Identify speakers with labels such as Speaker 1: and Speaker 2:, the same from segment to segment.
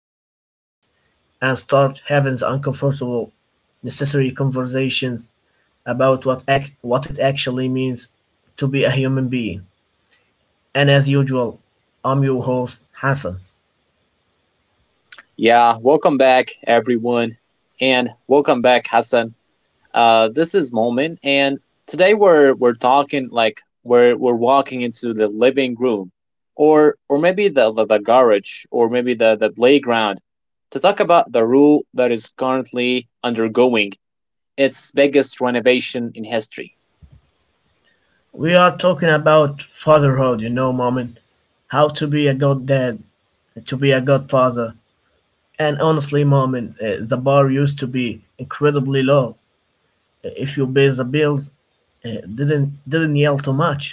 Speaker 1: top 10 lists and start having the uncomfortable, necessary conversations about what it actually means to be a human being. And as usual, I'm your host, Hassan.
Speaker 2: Yeah, welcome back, everyone, and welcome back, Hassan. This is Moment, and today we're talking like we're walking into the living room, or maybe the garage, or maybe the playground, to talk about the rule that is currently undergoing its biggest renovation in history.
Speaker 1: We are talking about fatherhood, moment. How to be a good dad, to be a good father. And honestly, mom, the bar used to be incredibly low. If you pay the bills, didn't yell too much,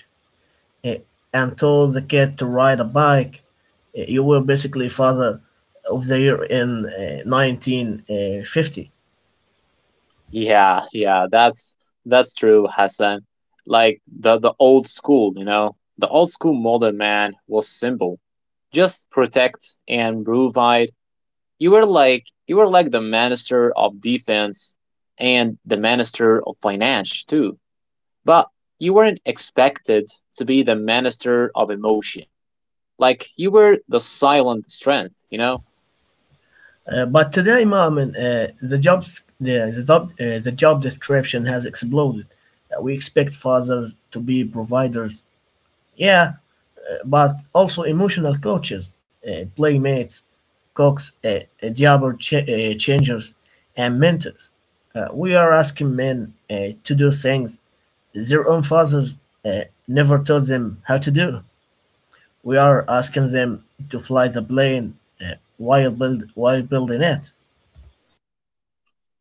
Speaker 1: uh, and told the kid to ride a bike, you were basically father of the year in 1950.
Speaker 2: Yeah, yeah, that's true, Hassan. Like the old school, you know, the old school modern man was simple, just protect and provide. You were like the minister of defense and the minister of finance too. But you weren't expected to be the minister of emotion. Like you were the silent strength, you know?
Speaker 1: But today, mom, the jobs the job description has exploded. We expect fathers to be providers. Yeah, but also emotional coaches, playmates, coax, uh, diaper changers, and mentors. We are asking men to do things their own fathers never taught them how to do. We are asking them to fly the plane while, while building it.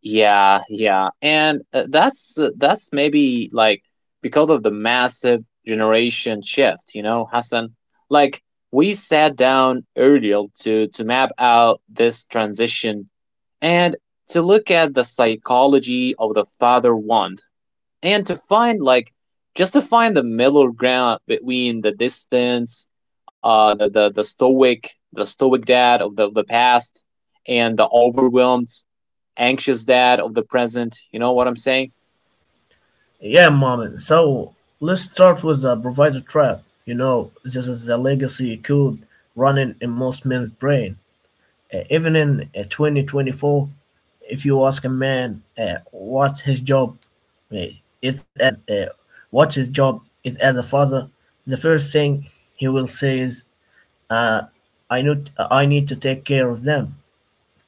Speaker 2: Yeah, yeah. And that's maybe like because of the massive generation shift, you know, Hassan. Like we sat down earlier to map out this transition and to look at the psychology of the father want, and to find like just to find the middle ground between the distance the stoic dad of of the past and the overwhelmed anxious dad of the present. You know what I'm saying?
Speaker 1: Yeah, mom. So let's start with the provider trap. This is the legacy code running in most men's brain. Even in 2024, if you ask a man uh, is as uh, what his job is as a father, the first thing he will say is, uh, "I need to take care of them,"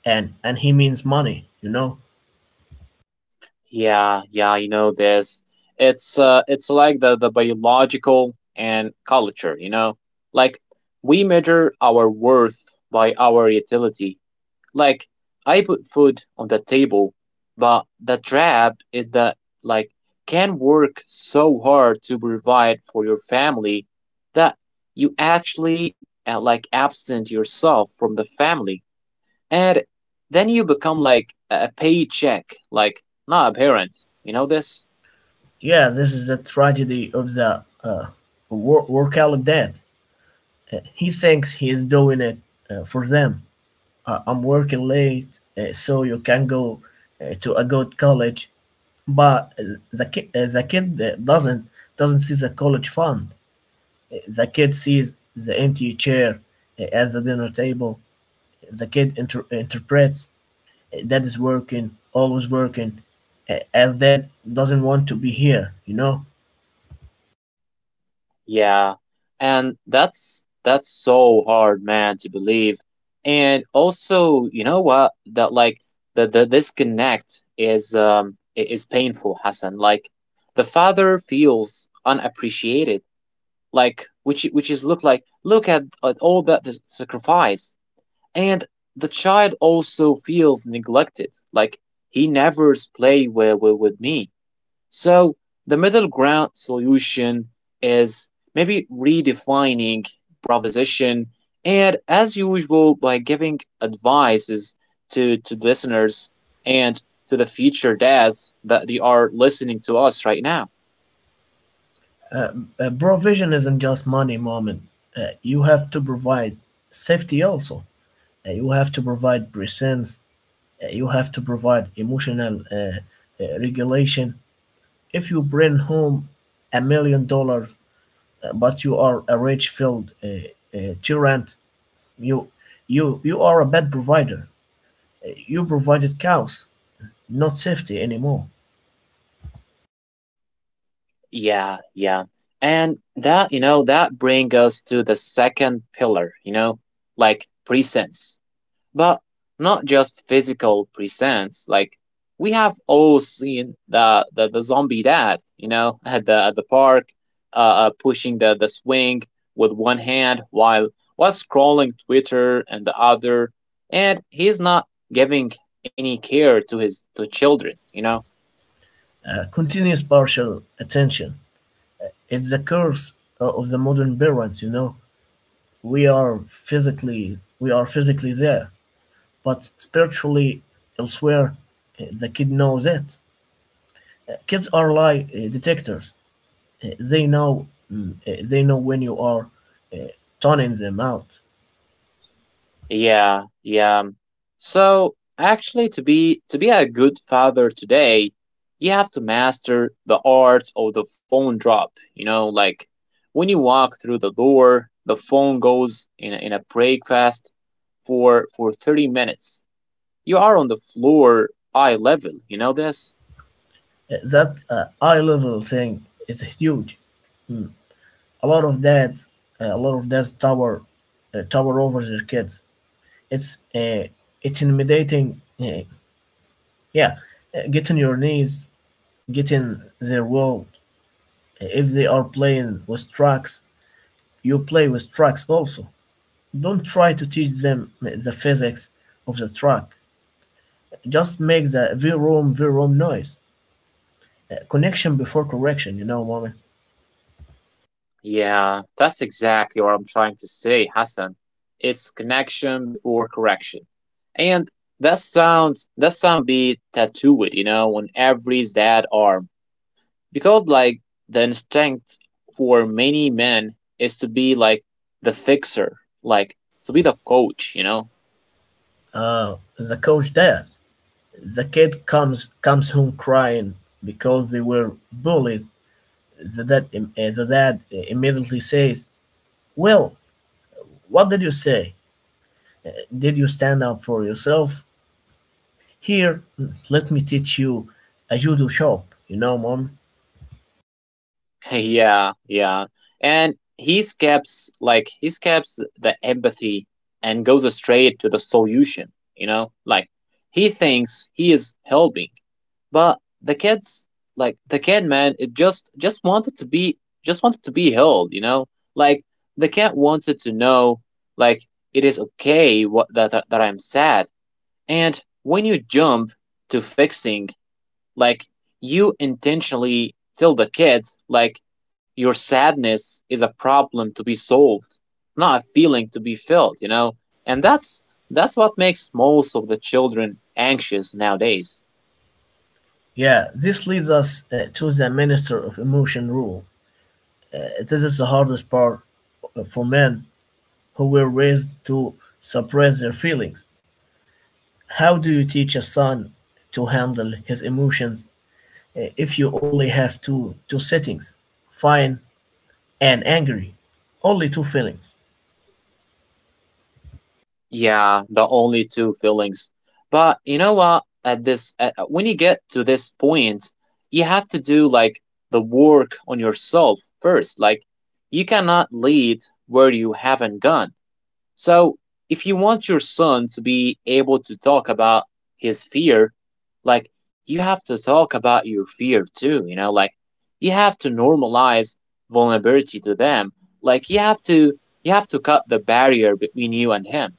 Speaker 1: and he means money.
Speaker 2: Yeah, yeah, you know this. It's like the biological and culture, you know. Like we measure our worth by our utility. Like I put food on the table, but the trap is that, like, can work so hard to provide for your family that you actually, like, absent yourself from the family, and then you become like a paycheck, like not a parent. You know this?
Speaker 1: Yeah, this is the tragedy of the workaholic dad. He thinks he is doing it for them. I'm working late, so you can go to a good college. But the kid doesn't doesn't see the college fund. The kid sees the empty chair at the dinner table. The kid interprets dad is working, always working, as dad doesn't want to be here. You know,
Speaker 2: Yeah. And that's so hard, man, to believe. And also, you know what? That, like, the disconnect is is painful, Hassan. Like the father feels unappreciated, like which is look like look at all that the sacrifice. And the child also feels neglected, like he never play with, with me. So the middle ground solution is maybe redefining proposition and as usual by giving advices to listeners and to the future dads that they are listening to us right now.
Speaker 1: uh, Provision isn't just money, moment. You have to provide safety also. You have to provide presence. You have to provide emotional regulation. If you bring home $1 million, but you are a rich filled tyrant, you, you are a bad provider. You provided chaos, not safety anymore.
Speaker 2: Yeah, yeah. And that, you know, that brings us to the second pillar, you know, like presence. But not just physical presence. Like we have all seen the zombie dad, you know, at the park, pushing the swing with one hand while scrolling Twitter and the other, and he's not giving any care to his to children, you know.
Speaker 1: Continuous partial attention. It's the curse of the modern parent. We are physically, we are physically there, but spiritually elsewhere. The kid knows it. Kids are lie detectors. Uh, They know, they know when you are uh, toning them out.
Speaker 2: Yeah, yeah. So actually to be a good father today, you have to master the art of the phone drop. You know, like when you walk through the door, the phone goes in a breakfast for 30 minutes. You are on the floor eye level, you know this?
Speaker 1: That eye level thing is huge. A lot of dads, a lot of dads tower over their kids. It's uh, it's intimidating. Uh, yeah. Get on your knees, get in their world. If they are playing with trucks, you play with trucks also. Don't try to teach them the physics of the truck. Just make the vroom vroom noise. Connection before correction, moment.
Speaker 2: Yeah, that's exactly what I'm trying to say, Hassan. It's connection before correction. And that sound be tattooed, you know, on every dad arm. Because, like, the instinct for many men is to be like the fixer, like to be the coach, you know.
Speaker 1: The coach does. The kid comes home crying because they were bullied. The dad immediately says, "Well, what did you say? Did you stand up for yourself? Here, let me teach you a judo shop." Mom.
Speaker 2: Yeah, yeah. And he skips, like, he skips the empathy and goes straight to the solution, you know? Like he thinks he is helping. But the kids, like the kid man, it just just wanted to be held, you know? Like the kid wanted to know, like, it is okay what that I'm sad. And when you jump to fixing, like, you intentionally tell the kids, like, your sadness is a problem to be solved, not a feeling to be felt, you know. And that's what makes most of the children anxious nowadays.
Speaker 1: Yeah, this leads us to the minister of emotion rule. This is the hardest part for men who were raised to suppress their feelings. How do you teach a son to handle his emotions if you only have two settings, fine and angry, only two feelings.
Speaker 2: Yeah, the only two feelings. But you know what, at this, when you get to this point, you have to do, like, the work on yourself first. Like you cannot lead where you haven't gone. So, if you want your son to be able to talk about his fear, like, you have to talk about your fear too, you know. Like you have to normalize vulnerability to them. Like you have to cut the barrier between you and him.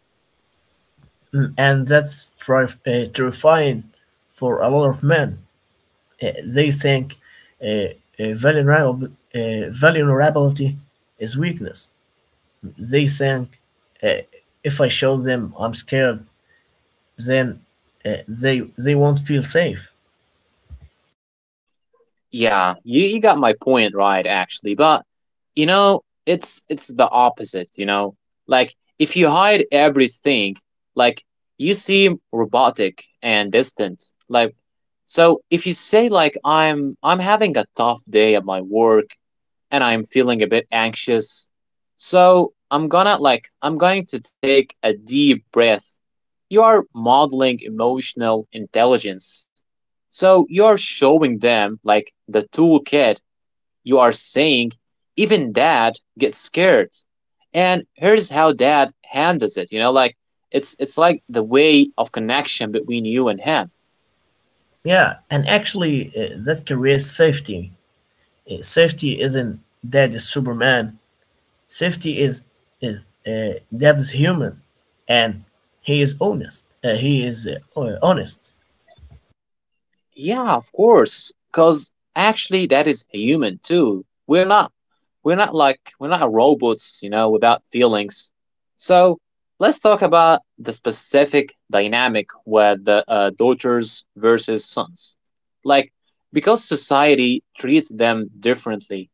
Speaker 1: And that's terrifying for a lot of men. They think uh, uh, vulnerable, vulnerability is weakness. They think uh, if I show them I'm scared, then they won't feel safe.
Speaker 2: Yeah, you got my point right actually, but, you know, it's the opposite, you know? Like if you hide everything, like, you seem robotic and distant. Like, so if you say like I'm having a tough day at my work and I'm feeling a bit anxious, so I'm gonna like I'm going to take a deep breath, you are modeling emotional intelligence. So you are showing them, like, the toolkit. You are saying, even dad gets scared. And here's how dad handles it, you know, like, it's like the way of connection between you and him.
Speaker 1: Yeah, and actually that creates safety. Safety isn't that is Superman. Safety is that is human, and he is honest. He is honest
Speaker 2: Yeah, of course. Because actually, that is human too. We're not like, we're not robots, you know, without feelings. So let's talk about the specific dynamic with the daughters versus sons. Like, because society treats them differently,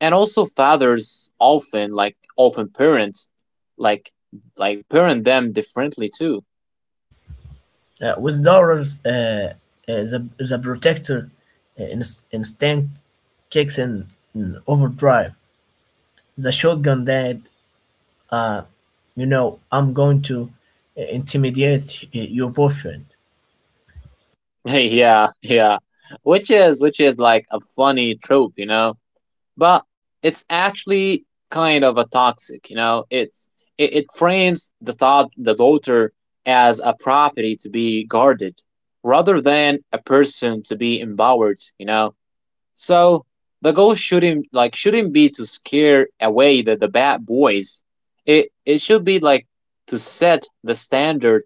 Speaker 2: and also fathers often, like, often parents, like, like parent them differently too.
Speaker 1: with dollars. The protector instinct kicks in overdrive. The shotgun dad. Uh, you know I'm going to intimidate your boyfriend.
Speaker 2: Yeah, yeah. Which is like a funny trope, you know. But it's actually kind of a toxic, you know. It's it frames the thought the daughter as a property to be guarded rather than a person to be empowered, you know. So the goal shouldn't be to scare away the bad boys. It should be like to set the standard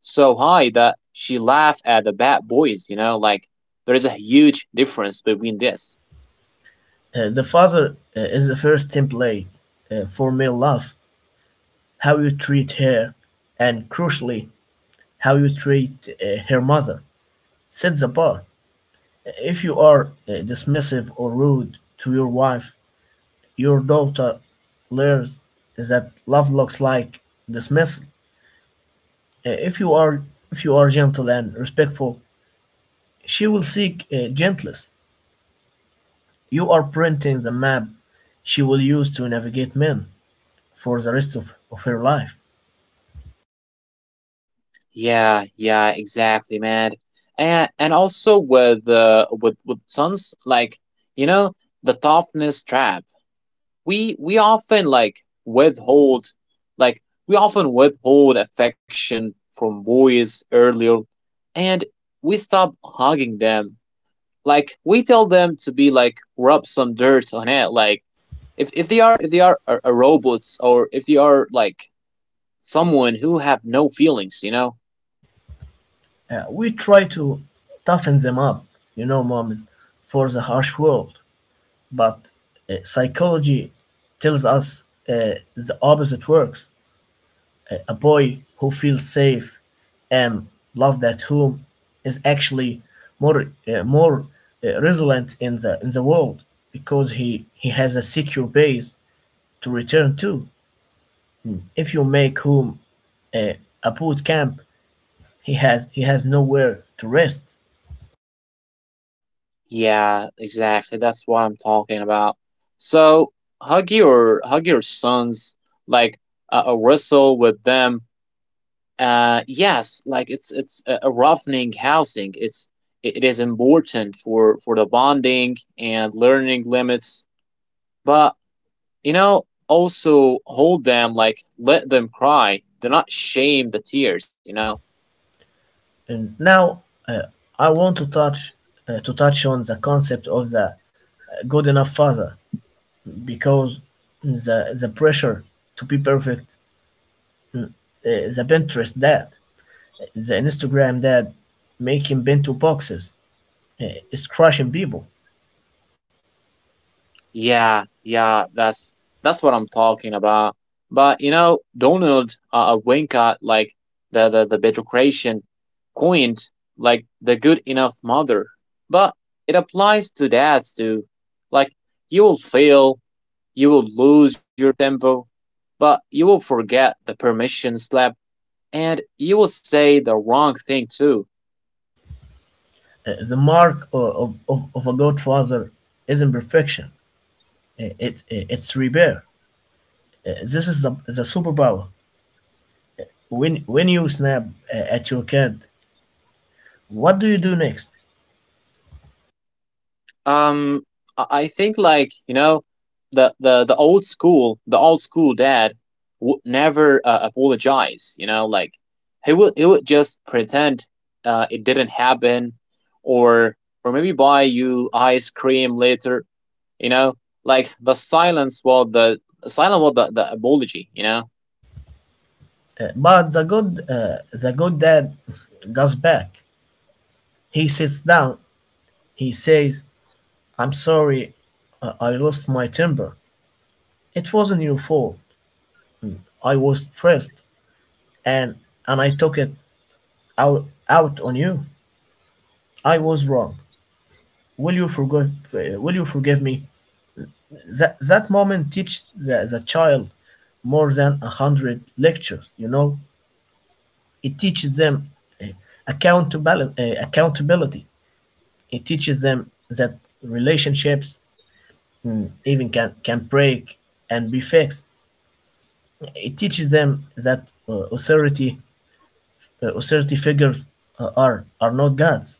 Speaker 2: so high that she laughed at the bad boys, you know. Like there is a huge difference between this.
Speaker 1: The father is the first template for male love. How you treat her, and crucially, how you treat her mother. Set the bar. If you are dismissive or rude to your wife, your daughter learns that love looks like dismissal. Uh, if you are if you are gentle and respectful, she will seek gentleness. You are printing the map she will use to navigate men for the rest of her life.
Speaker 2: Yeah, yeah, exactly, man. And also with sons, like, you know, the toughness trap, we often like withhold, like, we often withhold affection from boys earlier, and we stop hugging them, like we tell them to be like rub some dirt on it, like if they are, if they are a robots, or if they are like someone who have no feelings, you know.
Speaker 1: We try to toughen them up, you know, mom, for the harsh world. But psychology tells us the opposite works. A boy who feels safe and loved at home is actually more more resilient in the world because he has a secure base to return to. Hmm. If you make home a, a boot camp, he has nowhere to rest.
Speaker 2: Yeah, exactly, that's what I'm talking about. So hug your sons, like, wrestle with them. Uh, yes, like it's a roughening housing. It is important for the bonding and learning limits. But, you know, also hold them, like let them cry, do not shame the tears, you know.
Speaker 1: And now uh, I want to touch on the concept of the good enough father because the pressure to be perfect, the Pinterest dad, the Instagram dad, making bento boxes is crushing people.
Speaker 2: Yeah, yeah, that's what I'm talking about. But you know, Donald Winka, like the Bedrocration coined, like, the good enough mother, but it applies to dads too. Like you will fail, you will lose your tempo, but you will forget the permission slap, and you will say the wrong thing too.
Speaker 1: The mark of a good father isn't perfection; it's repair. This is the superpower. When you snap at your kid, what do you do next?
Speaker 2: Um, I think, like, you know, the old school dad would never apologize. You know, like he would just pretend it didn't happen, or maybe buy you ice cream later. You know, like the silence was the silent was the apology. You know.
Speaker 1: But the good dad goes back. He sits down. He says, "I'm sorry, I lost my temper. It wasn't your fault. I was stressed, and and I took it out on you. I was wrong. Will you forgive? Will you forgive me?" That moment teaches the child more than a hundred lectures. You know, it teaches them uh, accountability. It teaches them that relationships even can break and be fixed. It teaches them that uh, authority authority figures uh, are are not gods.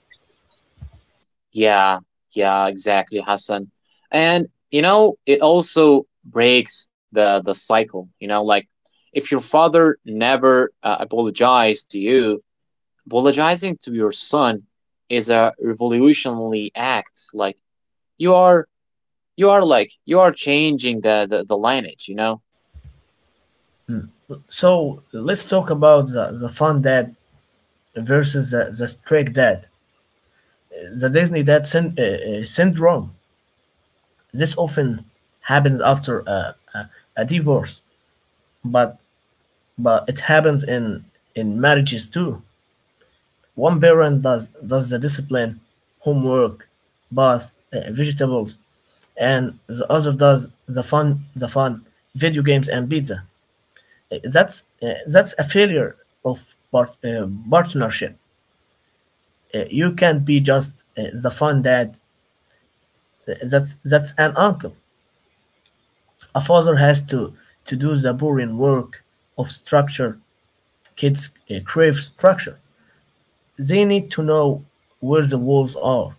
Speaker 2: Yeah, yeah, exactly, Hassan. And you know, it also breaks the cycle. You know, like if your father never apologized to you, apologizing to your son is a revolutionary act. Like you are, you are changing the lineage. You know.
Speaker 1: So let's talk about the fun dad versus the strict dad, the Disney dad syndrome. This often happens after a divorce, but it happens in marriages too. One parent does the discipline, homework, bath, vegetables, and the other does the fun, video games and pizza. That's a failure of partnership. You can't be just the fun dad. That's an uncle. A father has to do the boring work of structure. Kids crave structure. They need to know where the walls are.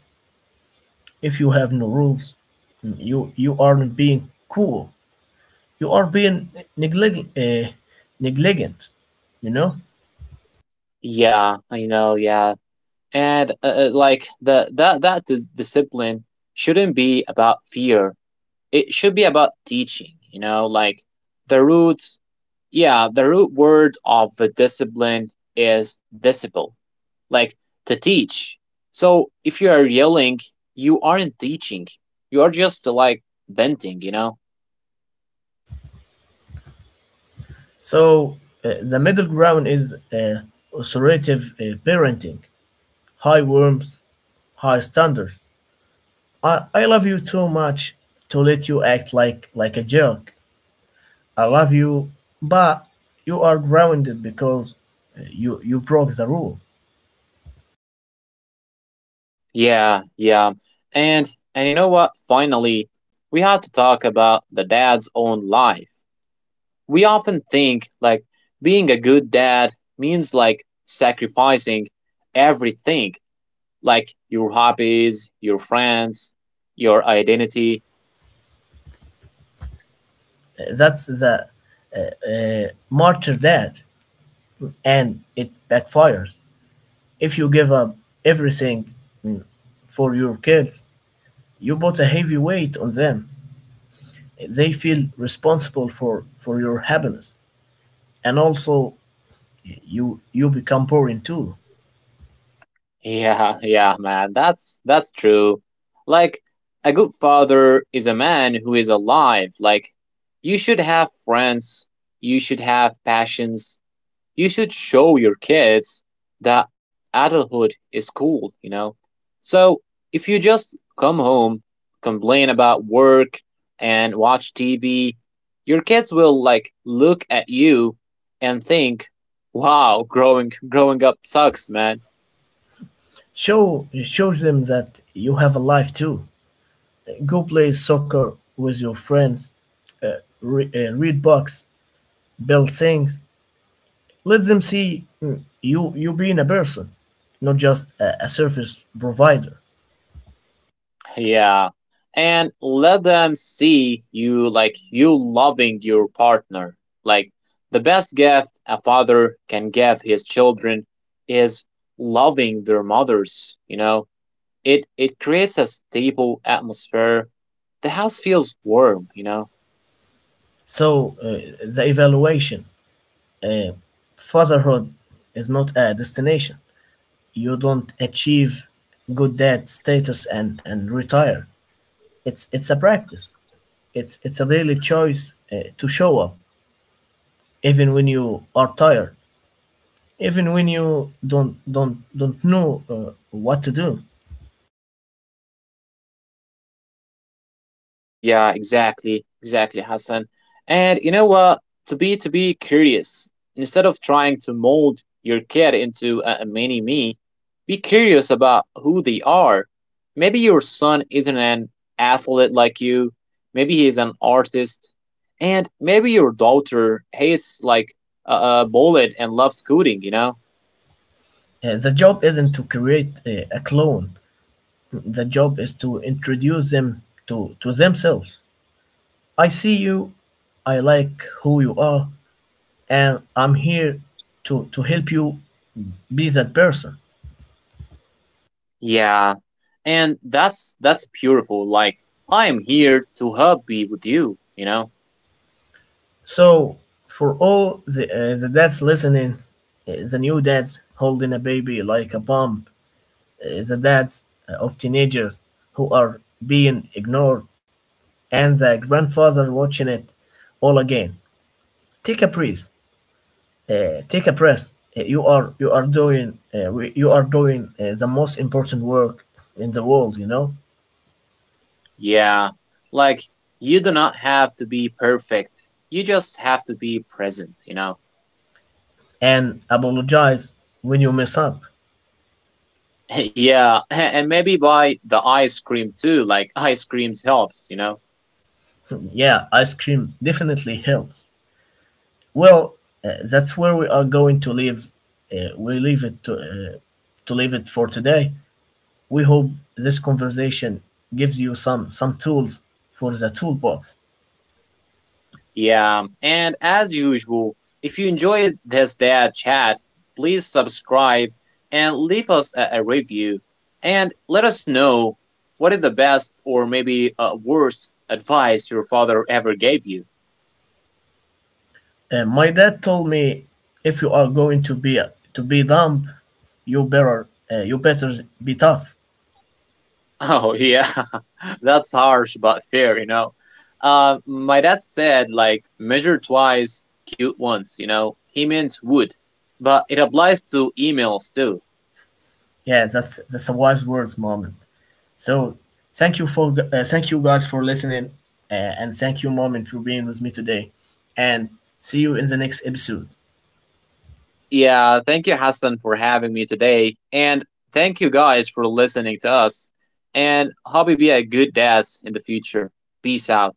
Speaker 1: If you have no rules, you aren't being cool. You are being neglig- uh, negligent. You know.
Speaker 2: Yeah, I know. Yeah, and like the that discipline shouldn't be about fear, it should be about teaching, you know. Like the root, yeah, the root word of the discipline is disciple, like, to teach. So if you are yelling, you aren't teaching, you are just, like, venting, you know.
Speaker 1: So the middle ground is authoritative parenting, high warmth, high standards. I love you too much to let you act like a jerk. I love you, but you are grounded because you broke the rule.
Speaker 2: Yeah, yeah. and and, you know what, finally, we have to talk about the dad's own life. We often think, like, being a good dad means, like, sacrificing everything, like your hobbies, your friends, your identity.
Speaker 1: That's the martyr dad. And it backfires. If you give up everything mm, for your kids, you put a heavy weight on them. They feel responsible for your happiness, and also you become boring too.
Speaker 2: Yeah, yeah, man. That's true. Like a good father is a man who is alive. Like you should have friends, you should have passions, you should show your kids that adulthood is cool, you know? So if you just come home, complain about work, and watch TV, your kids will, like, look at you and think, "Wow, growing up sucks, man."
Speaker 1: Show them that you have a life too. Go play soccer with your friends. Read books, build things. Let them see you being a person, not just a service provider.
Speaker 2: Yeah. And let them see you, like, you loving your partner. Like the best gift a father can give his children is loving their mothers, you know. It creates a stable atmosphere. The house feels warm, you know.
Speaker 1: So, the evaluation uh, fatherhood is not a destination. You don't achieve good dad status and retire. It's a practice. It's a daily choice to show up, even when you are tired, even when you don't know what to do.
Speaker 2: Yeah, yeah, exactly, exactly, Hassan. And you know what? To be curious, instead of trying to mold your kid into a mini me, be curious about who they are. Maybe your son isn't an athlete like you. Maybe he is an artist, and maybe your daughter hates, like, a bullet and loves coding. You know?
Speaker 1: The job isn't to create a clone. The job is to introduce them to themselves. I see you. I like who you are, and I'm here to help you be that person.
Speaker 2: Yeah, and that's beautiful. Like I am here to help be with you. You know.
Speaker 1: So, for all the dads listening, the new dads holding a baby like a bomb, the dads of teenagers who are being ignored, and the grandfather watching it all again, take a breath. Take a breath. You are doing the most important work in the world,
Speaker 2: Yeah. Like, you do not have to be perfect. You just have to be present, you know?
Speaker 1: and apologize when you mess up.
Speaker 2: Yeah. And maybe buy the ice cream too. Like, ice creams helps, you know?
Speaker 1: Yeah, ice cream definitely helps. Well, that's where we are going to leave. We leave it to leave it for today. We hope this conversation gives you some tools for the toolbox.
Speaker 2: Yeah. And as usual, if you enjoyed this dad chat, please subscribe and leave us a review. And let us know what is the best or maybe worst advice your father ever gave you.
Speaker 1: My dad told me if you are going to be dumb, you better be tough.
Speaker 2: Oh yeah, that's harsh but fair, you know. My dad said, like, measure twice, cute once, you know. He meant wood, but it applies to emails too.
Speaker 1: Yeah, that's a wise words, mom. So thank you guys for listening, and thank you, Moment, for being with me today. And see you in the next episode.
Speaker 2: Yeah, thank you, Hassan, for having me today, and thank you guys for listening to us. And hope you be a good dad in the future. Peace out.